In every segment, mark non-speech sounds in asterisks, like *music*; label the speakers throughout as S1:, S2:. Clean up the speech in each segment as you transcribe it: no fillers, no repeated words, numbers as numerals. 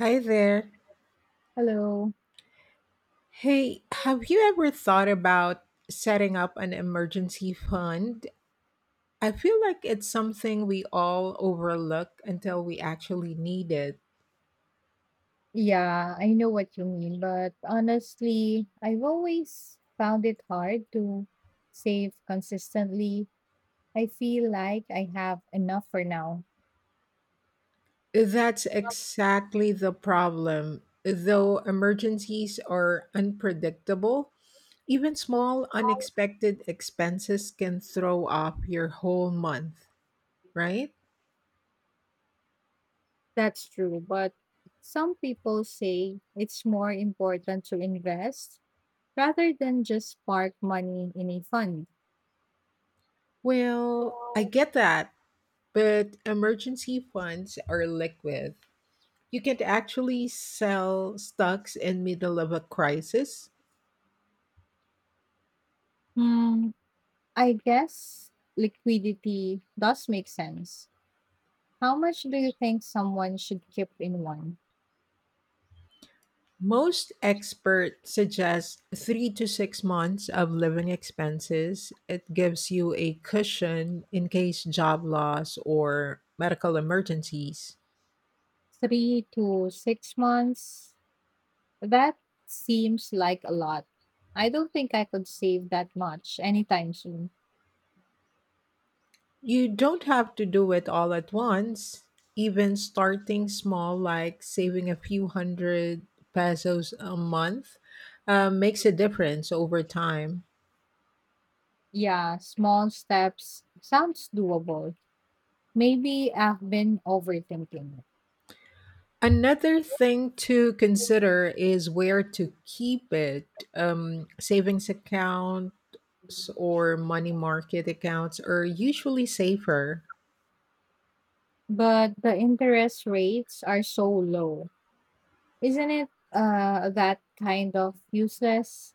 S1: Hi there.
S2: Hello.
S1: Hey, have you ever thought about setting up an emergency fund? I feel like it's something we all overlook until we actually need it.
S2: Yeah, I know what you mean, but honestly, I've always found it hard to save consistently. I feel like I have enough for now.
S1: That's exactly the problem. Though emergencies are unpredictable, even small unexpected expenses can throw off your whole month, right?
S2: That's true, but some people say it's more important to invest rather than just park money in a fund.
S1: Well, I get that, but emergency funds are liquid. You can actually sell stocks in middle of a crisis.
S2: Hmm, I guess liquidity does make sense. How much do you think someone should keep in one?
S1: Most experts suggest 3 to 6 months of living expenses. It gives you a cushion in case job loss or medical emergencies.
S2: 3 to 6 months? That seems like a lot. I don't think I could save that much anytime soon.
S1: You don't have to do it all at once. Even starting small, like saving a few hundred pesos a month, makes a difference over time.
S2: Yeah, small steps sounds doable. Maybe I've been overthinking it.
S1: Another thing to consider is where to keep it. Savings account, or money market accounts are usually safer.
S2: But the interest rates are so low. Isn't it that kind of useless?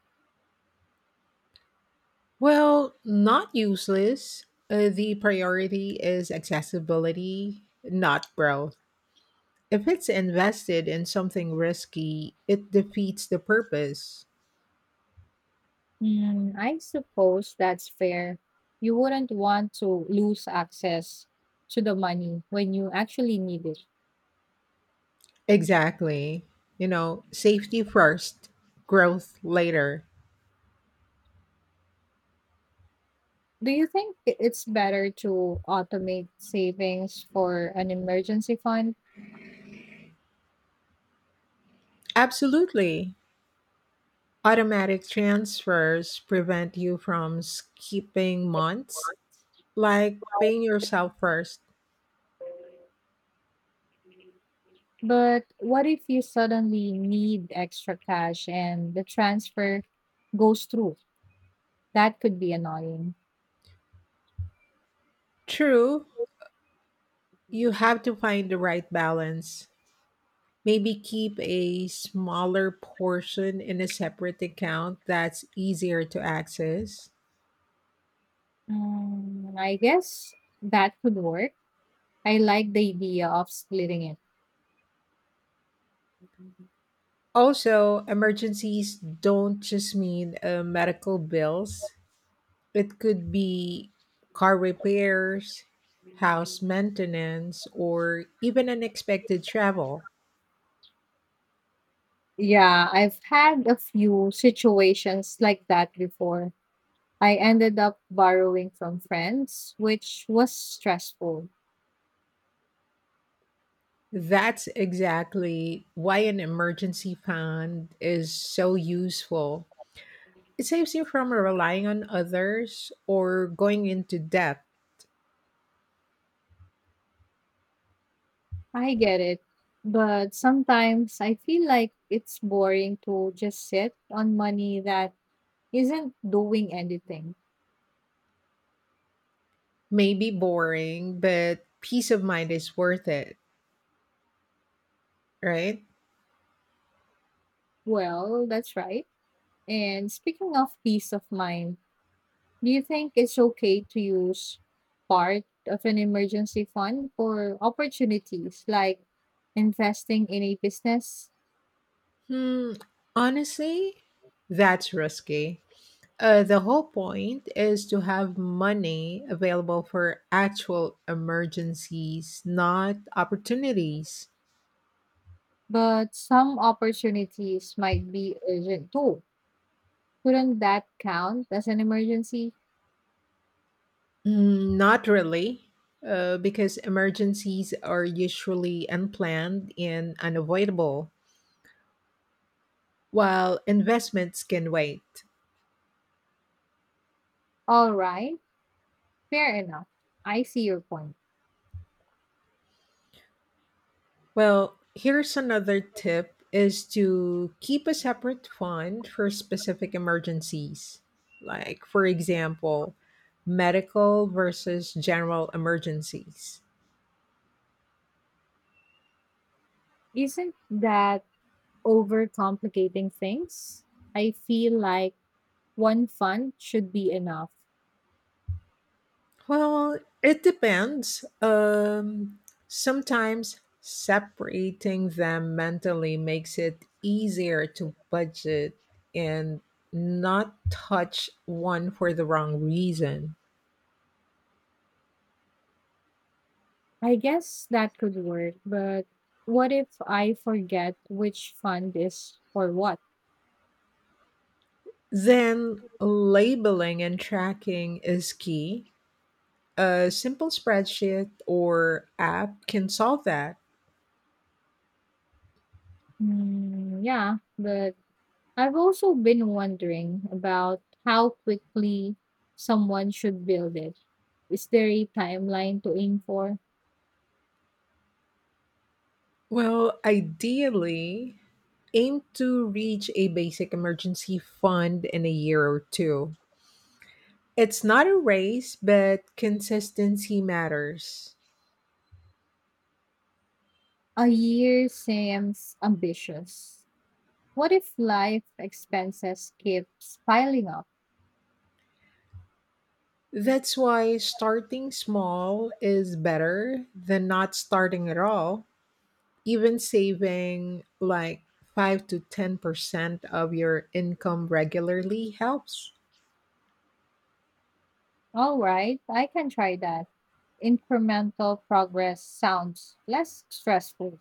S1: Well, not useless. The priority is accessibility, not growth. If it's invested in something risky, it defeats the purpose.
S2: Mm, I suppose that's fair. You wouldn't want to lose access to the money when you actually need it.
S1: Exactly. You know, safety first, growth later.
S2: Do you think it's better to automate savings for an emergency fund?
S1: Absolutely. Automatic transfers prevent you from skipping months, like paying yourself first.
S2: But what if you suddenly need extra cash and the transfer goes through? That could be annoying.
S1: True, you have to find the right balance. Maybe keep a smaller portion in a separate account that's easier to access.
S2: Mm, I guess that could work. I like the idea of splitting it.
S1: Also, emergencies don't just mean medical bills; it could be car repairs, house maintenance, or even unexpected travel.
S2: Yeah, I've had a few situations like that before. I ended up borrowing from friends, which was stressful.
S1: That's exactly why an emergency fund is so useful. It saves you from relying on others or going into debt.
S2: I get it, but sometimes I feel like it's boring to just sit on money that isn't doing anything.
S1: May be boring, but peace of mind is worth it, right?
S2: Well, that's right. And speaking of peace of mind, do you think it's okay to use part of an emergency fund for opportunities like investing in a business?
S1: Hmm, Honestly, that's risky. The whole point is to have money available for actual emergencies, not opportunities.
S2: But some opportunities might be urgent too. Wouldn't that count as an emergency?
S1: Mm, not really, because emergencies are usually unplanned and unavoidable, while investments can wait.
S2: All right. Fair enough. I see your point.
S1: Well, here's another tip is to keep a separate fund for specific emergencies. Like for example, medical versus general emergencies.
S2: Isn't that overcomplicating things? I feel like one fund should be enough.
S1: Well, it depends. Sometimes separating them mentally makes it easier to budget and not touch one for the wrong reason.
S2: I guess that could work, but what if I forget which fund is for what?
S1: Then labeling and tracking is key. A simple spreadsheet or app can solve that.
S2: Mm, yeah, but I've also been wondering about how quickly someone should build it. Is there a timeline to aim for?
S1: Well, ideally, aim to reach a basic emergency fund in a year or two. It's not a race, but consistency matters.
S2: A year seems ambitious. What if life expenses keeps piling up?
S1: That's why starting small is better than not starting at all, even saving like 5 to 10% of your income regularly helps.
S2: All right, I can try that. Incremental progress sounds less stressful.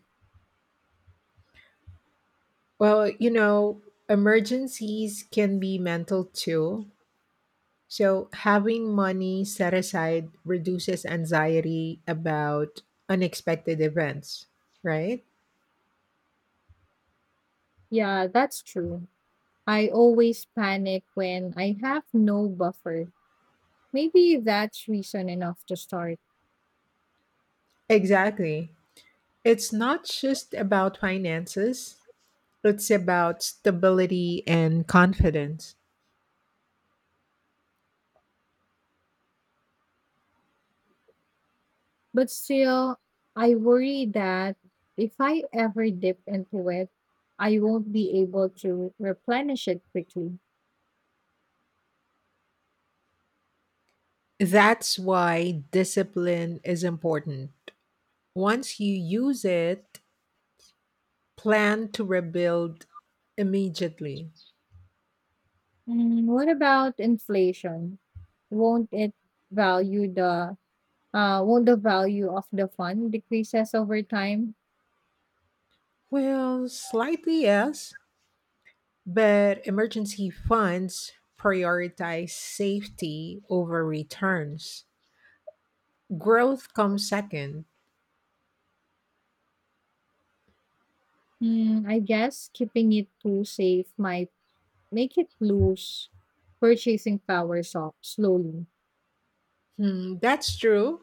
S1: Well, you know, emergencies can be mental too. So, having money set aside reduces anxiety about unexpected events, right?
S2: Yeah, that's true. I always panic when I have no buffer. Maybe that's reason enough to start.
S1: Exactly. It's not just about finances, it's about stability and confidence.
S2: But still, I worry that if I ever dip into it, I won't be able to replenish it quickly.
S1: That's why discipline is important. Once you use it, plan to rebuild immediately.
S2: Mm, what about inflation? Won't it value the won't the value of the fund decreases over time?
S1: Well, slightly yes, but emergency funds prioritize safety over returns. Growth comes second.
S2: Mm, I guess keeping it too safe might make it lose purchasing power so slowly.
S1: That's true,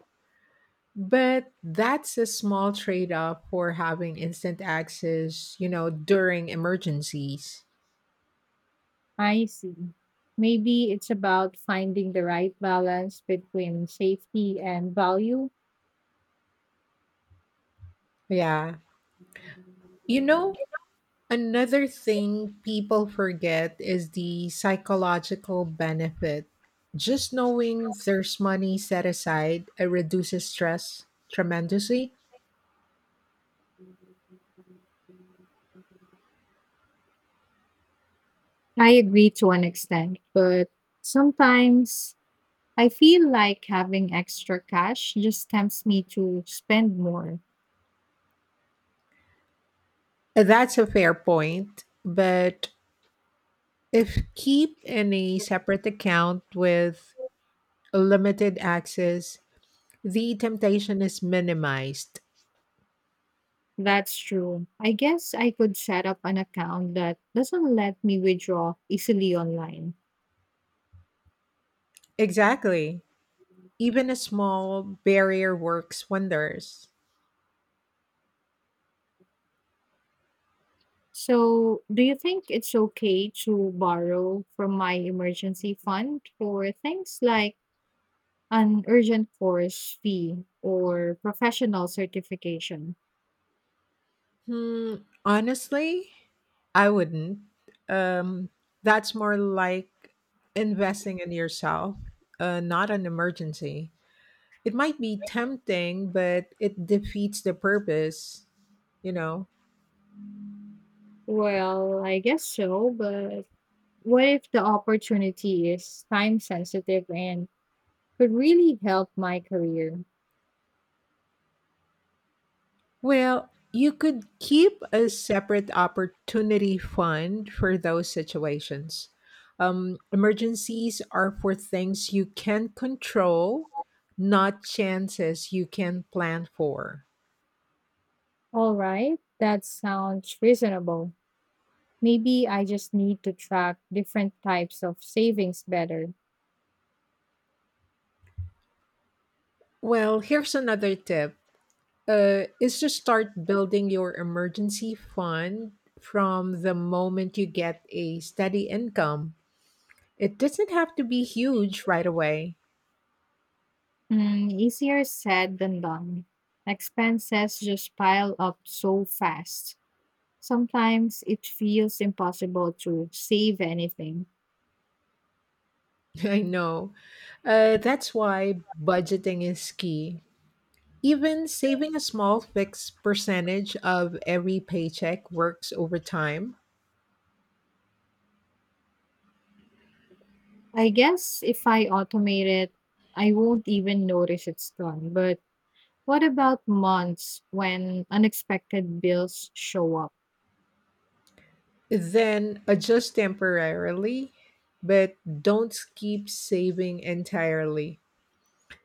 S1: but that's a small trade off for having instant access during emergencies.
S2: I see. Maybe it's about finding the right balance between safety and value.
S1: Yeah. You know, another thing people forget is the psychological benefit. Just knowing there's money set aside, it reduces stress tremendously.
S2: I agree to an extent, but sometimes I feel like having extra cash just tempts me to spend more.
S1: That's a fair point, but if keep in a separate account with limited access, the temptation is minimized.
S2: That's true. I guess I could set up an account that doesn't let me withdraw easily online.
S1: Exactly. Even a small barrier works wonders.
S2: So, do you think it's okay to borrow from my emergency fund for things like an urgent course fee or professional certification?
S1: Honestly, I wouldn't. Um, that's more like investing in yourself, not an emergency. It might be tempting, but it defeats the purpose, you know.
S2: Well, I guess so, but what if the opportunity is time sensitive and could really help my career.
S1: Well, you could keep a separate opportunity fund for those situations. Emergencies are for things you can control, not chances you can plan for.
S2: All right, that sounds reasonable. Maybe I just need to track different types of savings better.
S1: Well, here's another tip is to start building your emergency fund from the moment you get a steady income. It doesn't have to be huge right away.
S2: Mm, easier said than done. Expenses just pile up so fast. Sometimes it feels impossible to save anything.
S1: *laughs* I know. That's why budgeting is key. Even saving a small fixed percentage of every paycheck works over time.
S2: I guess if I automate it, I won't even notice it's gone. But what about months when unexpected bills show up?
S1: Then adjust temporarily, but don't keep saving entirely.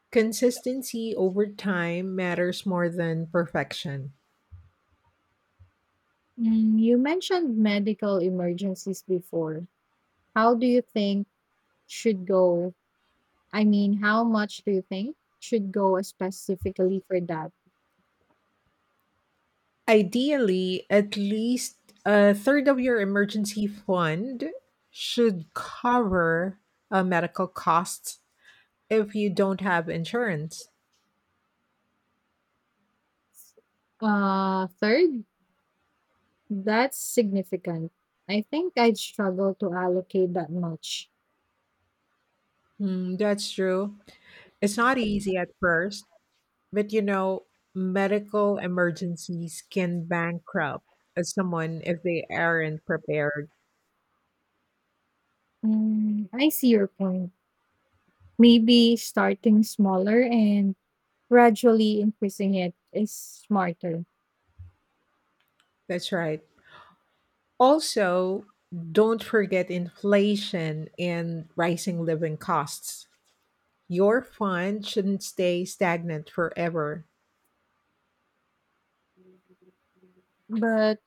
S1: Consistency over time matters more than perfection.
S2: Mm, you mentioned medical emergencies before. How do you think should go? I mean, how much do you think should go specifically for that?
S1: Ideally, at least a third of your emergency fund should cover medical costs if you don't have insurance.
S2: Third, that's significant. I think I'd struggle to allocate that much.
S1: That's true. It's not easy at first, but you know, medical emergencies can bankrupt someone if they aren't prepared.
S2: Mm, I see your point. Maybe starting smaller and gradually increasing it is smarter.
S1: That's right. Also, don't forget inflation and rising living costs. Your fund shouldn't stay stagnant forever.
S2: But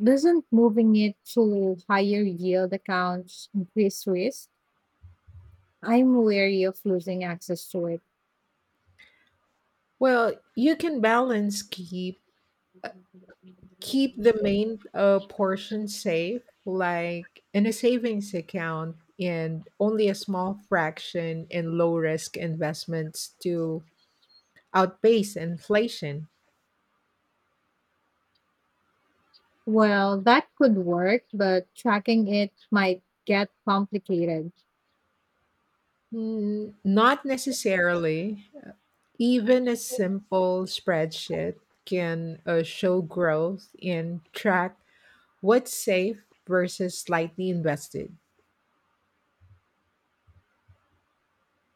S2: doesn't moving it to higher yield accounts increase risk? I'm wary of losing access to it.
S1: Well, you can balance keep the main portion safe, like in a savings account, and only a small fraction in low risk investments to outpace inflation.
S2: Well, that could work, but tracking it might get complicated.
S1: Mm, not necessarily. Even a simple spreadsheet can show growth and track what's safe versus slightly invested.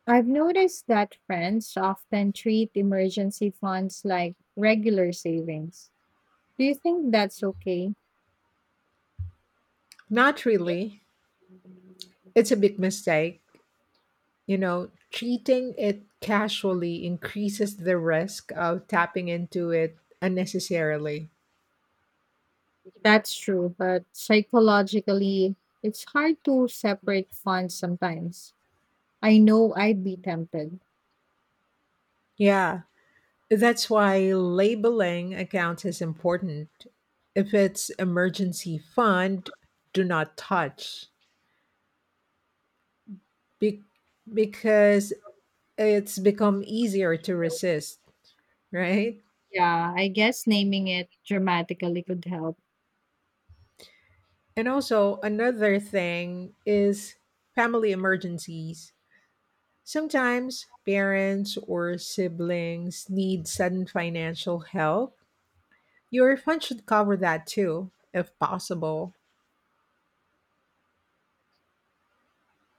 S2: I've noticed that friends often treat emergency funds like regular savings. Do you think that's okay?
S1: Not really. It's a big mistake. You know, treating it casually increases the risk of tapping into it unnecessarily.
S2: That's true, but psychologically, it's hard to separate funds sometimes. I know I'd be tempted.
S1: Yeah, that's why labeling accounts is important. If it's emergency fund, do not touch Be- because it's become easier to resist, right?
S2: Yeah, I guess naming it dramatically could help.
S1: And also, another thing is family emergencies. Sometimes parents or siblings need sudden financial help. Your fund should cover that too, if possible.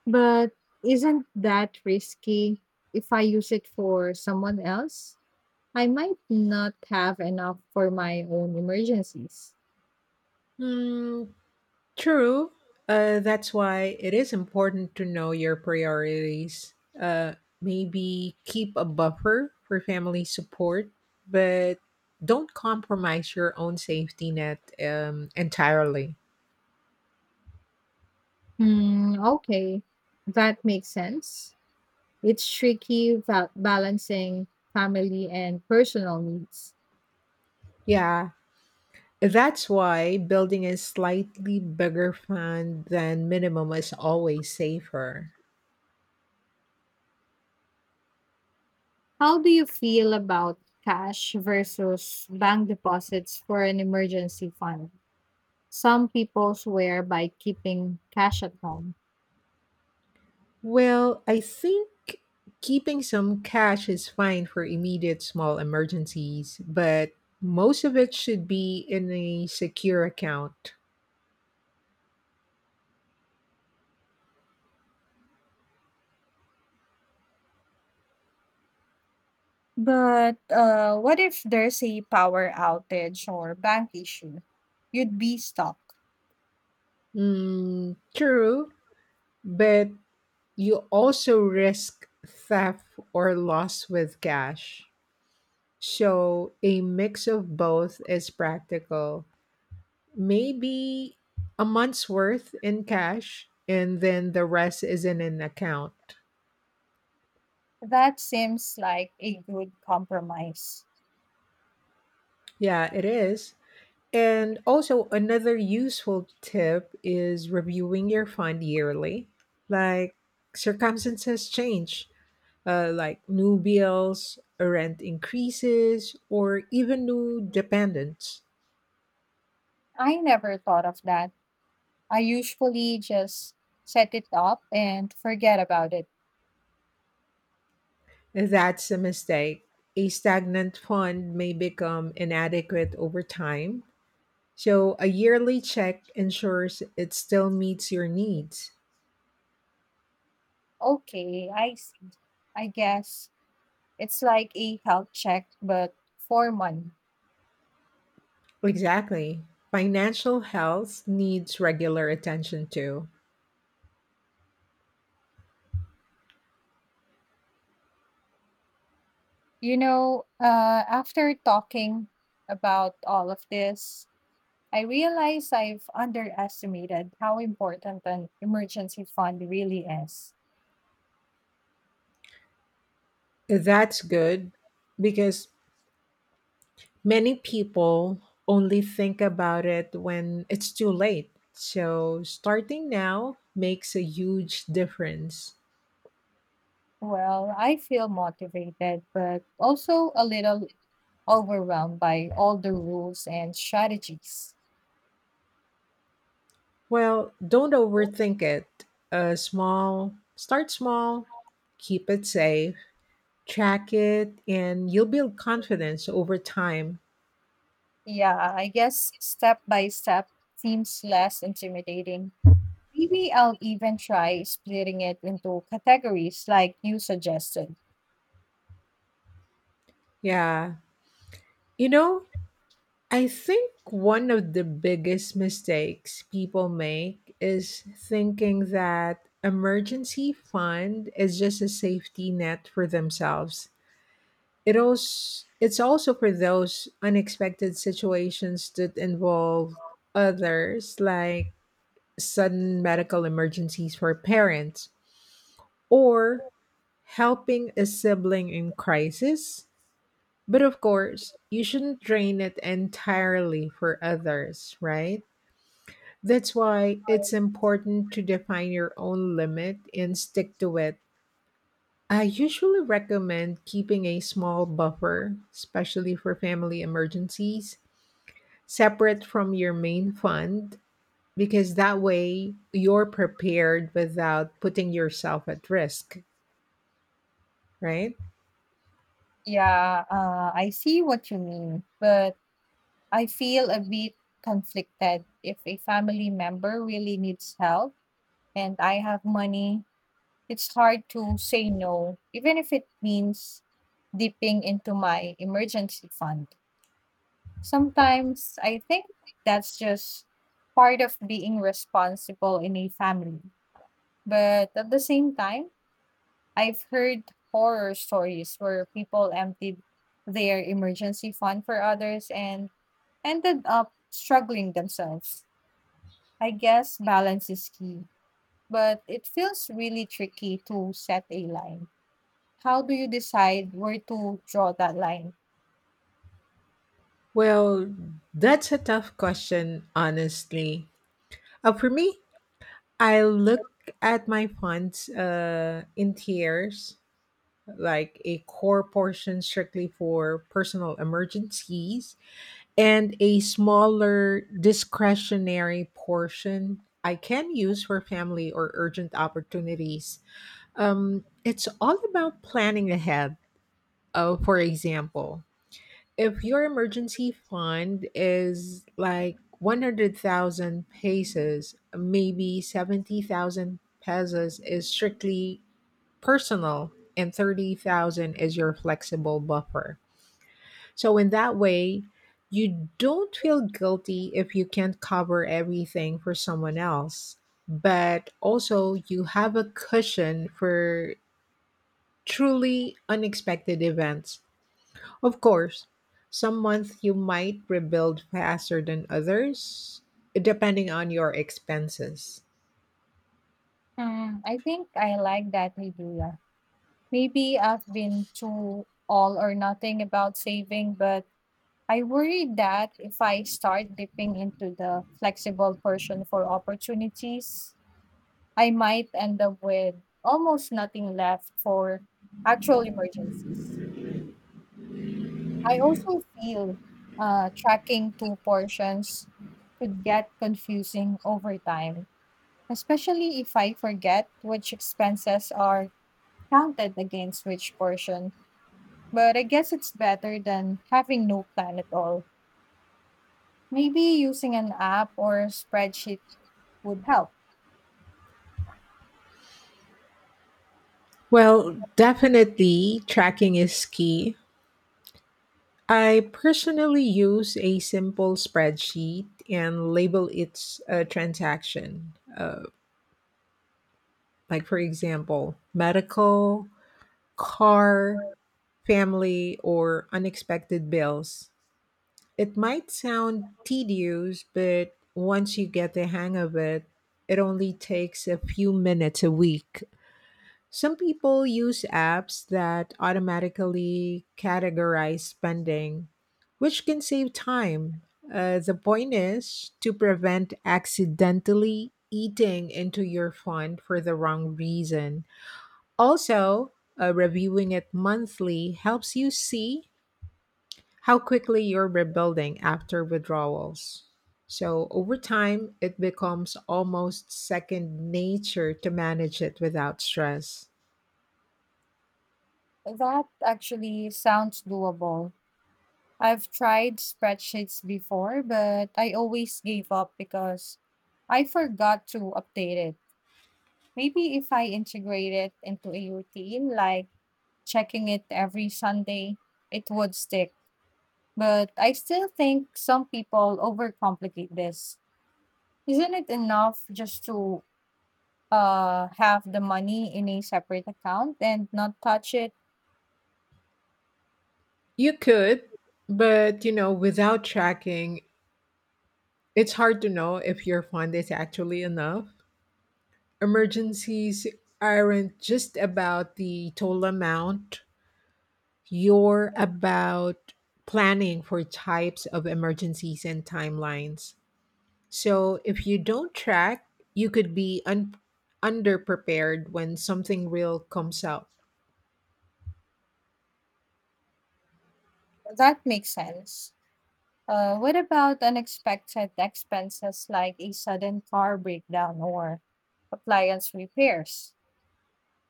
S2: But isn't that risky if I use it for someone else? I might not have enough for my own emergencies.
S1: Hmm, True. That's why it is important to know your priorities. Uh, Maybe keep a buffer for family support, but don't compromise your own safety net entirely.
S2: Hmm, okay. That makes sense. It's tricky balancing family and personal needs.
S1: Yeah, that's why building a slightly bigger fund than minimum is always safer.
S2: How do you feel about cash versus bank deposits for an emergency fund? Some people swear by keeping cash at home.
S1: Well, I think keeping some cash is fine for immediate small emergencies, but most of it should be in a secure account.
S2: But what if there's a power outage or bank issue? You'd be stuck.
S1: Mm, true, but you also risk theft or loss with cash. So a mix of both is practical, maybe a month's worth in cash and then the rest is in an account.
S2: That seems like a good compromise.
S1: Yeah, it is. And also, another useful tip is reviewing your fund yearly. Like, circumstances change, like new bills, rent increases, or even new dependents.
S2: I never thought of that. I usually just set it up and forget about it.
S1: That's a mistake. A stagnant fund may become inadequate over time, so a yearly check ensures it still meets your needs.
S2: Okay, I, s- I guess it's like a health check, but for money.
S1: Exactly. Financial health needs regular attention too.
S2: You know, after talking about all of this, I realize I've underestimated how important an emergency fund really is.
S1: That's good because many people only think about it when it's too late. So starting now makes a huge difference.
S2: Well, I feel motivated, but also a little overwhelmed by all the rules and strategies.
S1: Well, don't overthink it. A small Start small, keep it safe, track it, and you'll build confidence over time.
S2: Yeah, I guess step by step seems less intimidating. Maybe I'll even try splitting it into categories like you suggested.
S1: Yeah. You know, I think one of the biggest mistakes people make is thinking that emergency fund is just a safety net for themselves. It's also for those unexpected situations that involve others, like sudden medical emergencies for parents or helping a sibling in crisis. But of course, you shouldn't drain it entirely for others, right? That's why it's important to define your own limit and stick to it. I usually recommend keeping a small buffer, especially for family emergencies, separate from your main fund, because that way you're prepared without putting yourself at risk, right?
S2: Yeah, I see what you mean, but I feel a bit conflicted if a family member really needs help and I have money. It's hard to say no, even if it means dipping into my emergency fund. Sometimes I think that's just part of being responsible in a family. But at the same time, I've heard horror stories where people emptied their emergency fund for others and ended up struggling themselves. I guess balance is key, but it feels really tricky to set a line. How do you decide where to draw that line?
S1: Well, that's a tough question, honestly. For me, I look at my funds in tiers, like a core portion strictly for personal emergencies, and a smaller discretionary portion I can use for family or urgent opportunities. It's all about planning ahead. For example, if your emergency fund is like 100,000 pesos, maybe 70,000 pesos is strictly personal and 30,000 is your flexible buffer. So in that way, you don't feel guilty if you can't cover everything for someone else, but also you have a cushion for truly unexpected events. Of course, some months you might rebuild faster than others, depending on your expenses.
S2: Hmm, I think I like that idea. Maybe I've been too all or nothing about saving, but I worry that if I start dipping into the flexible portion for opportunities, I might end up with almost nothing left for actual emergencies. I also feel tracking two portions could get confusing over time, especially if I forget which expenses are counted against which portion. But I guess it's better than having no plan at all. Maybe using an app or spreadsheet would help.
S1: Well, definitely tracking is key. I personally use a simple spreadsheet and label its transaction. Like, for example, medical, car, family, or unexpected bills. It might sound tedious, but once you get the hang of it, it only takes a few minutes a week. Some people use apps that automatically categorize spending, which can save time. The point is to prevent accidentally eating into your fund for the wrong reason. Also, reviewing it monthly helps you see how quickly you're rebuilding after withdrawals. So over time, it becomes almost second nature to manage it without stress.
S2: That actually sounds doable. I've tried spreadsheets before, but I always gave up because I forgot to update it. Maybe if I integrate it into a routine, like checking it every Sunday, it would stick. But I still think some people overcomplicate this. Isn't it enough just to have the money in a separate account and not touch it?
S1: You could, but without tracking, it's hard to know if your fund is actually enough. Emergencies aren't just about the total amount, you're about planning for types of emergencies and timelines. So if you don't track, you could be underprepared when something real comes out.
S2: That makes sense. What about unexpected expenses like a sudden car breakdown or appliance repairs?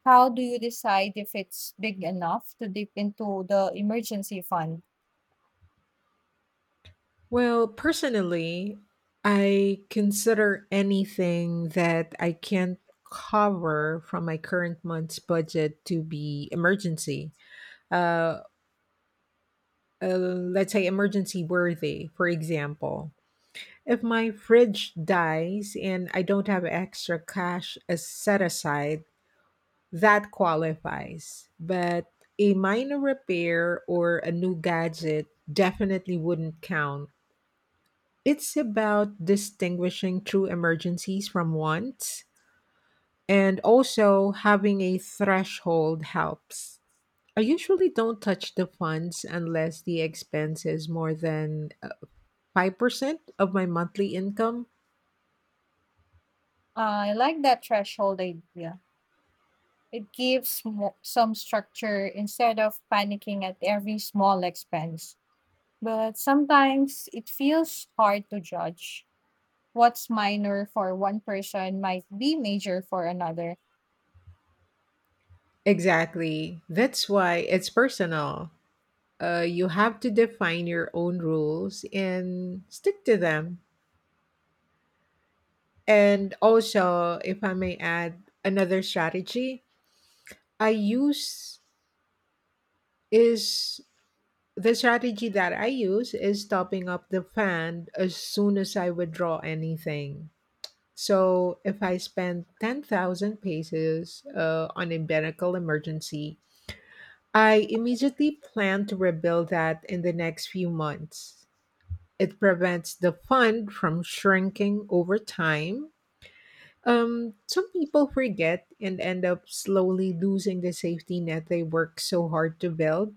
S2: How do you decide if it's big enough to dip into the emergency fund?
S1: Well, personally, I consider anything that I can't cover from my current month's budget to be emergency. Uh, let's say emergency worthy, for example. If my fridge dies and I don't have extra cash as set aside, that qualifies. But a minor repair or a new gadget definitely wouldn't count. It's about distinguishing true emergencies from wants, and also having a threshold helps. I usually don't touch the funds unless the expense is more than 5% of my monthly income.
S2: I like that threshold idea. It gives some structure instead of panicking at every small expense. But sometimes it feels hard to judge. What's minor for one person might be major for another.
S1: Exactly. That's why it's personal. You have to define your own rules and stick to them. And also, if I may add another strategy, I use is the strategy that I use is topping up the fund as soon as I withdraw anything. So if I spend 10,000 pesos on a medical emergency, I immediately plan to rebuild that in the next few months. It prevents the fund from shrinking over time. Some people forget and end up slowly losing the safety net they work so hard to build.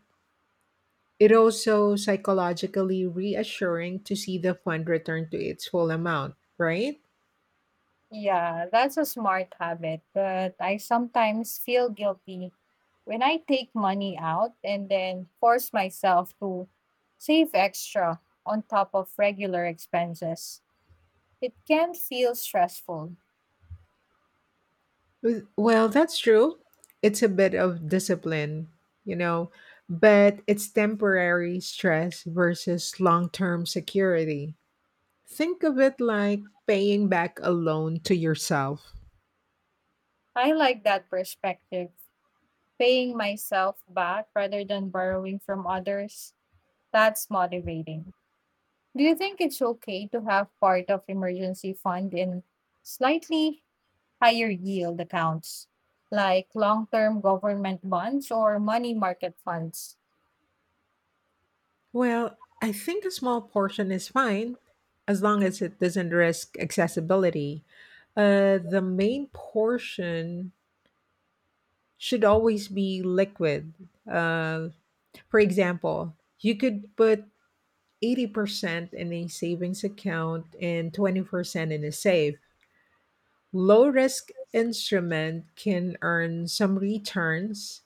S1: It also psychologically reassuring to see the fund return to its full amount, right?
S2: Yeah, that's a smart habit, but I sometimes feel guilty when I take money out and then force myself to save extra on top of regular expenses. It can feel stressful.
S1: Well, that's true. It's a bit of discipline, you know, but it's temporary stress versus long-term security. Think of it like paying back a loan to yourself.
S2: I like that perspective, paying myself back rather than borrowing from others. That's motivating. Do you think it's okay to have part of emergency fund in slightly higher yield accounts like long term government bonds or money market funds.
S1: Well, I think a small portion is fine as long as it doesn't risk accessibility. The main portion should always be liquid. Uh, for example, you could put 80% in a savings account and 20% in a safe. Low risk instrument can earn some returns.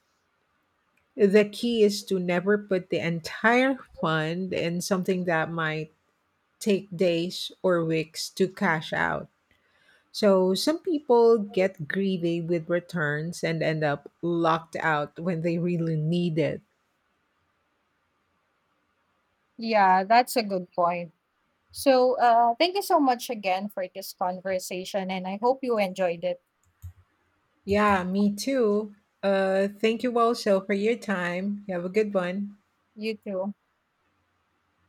S1: The key is to never put the entire fund in something that might take days or weeks to cash out. So some people get greedy with returns and end up locked out when they really need it.
S2: Yeah, that's a good point. So, thank you so much again for this conversation, and I hope you enjoyed it.
S1: Yeah, me too. Thank you also for your time. You have a good one.
S2: You too.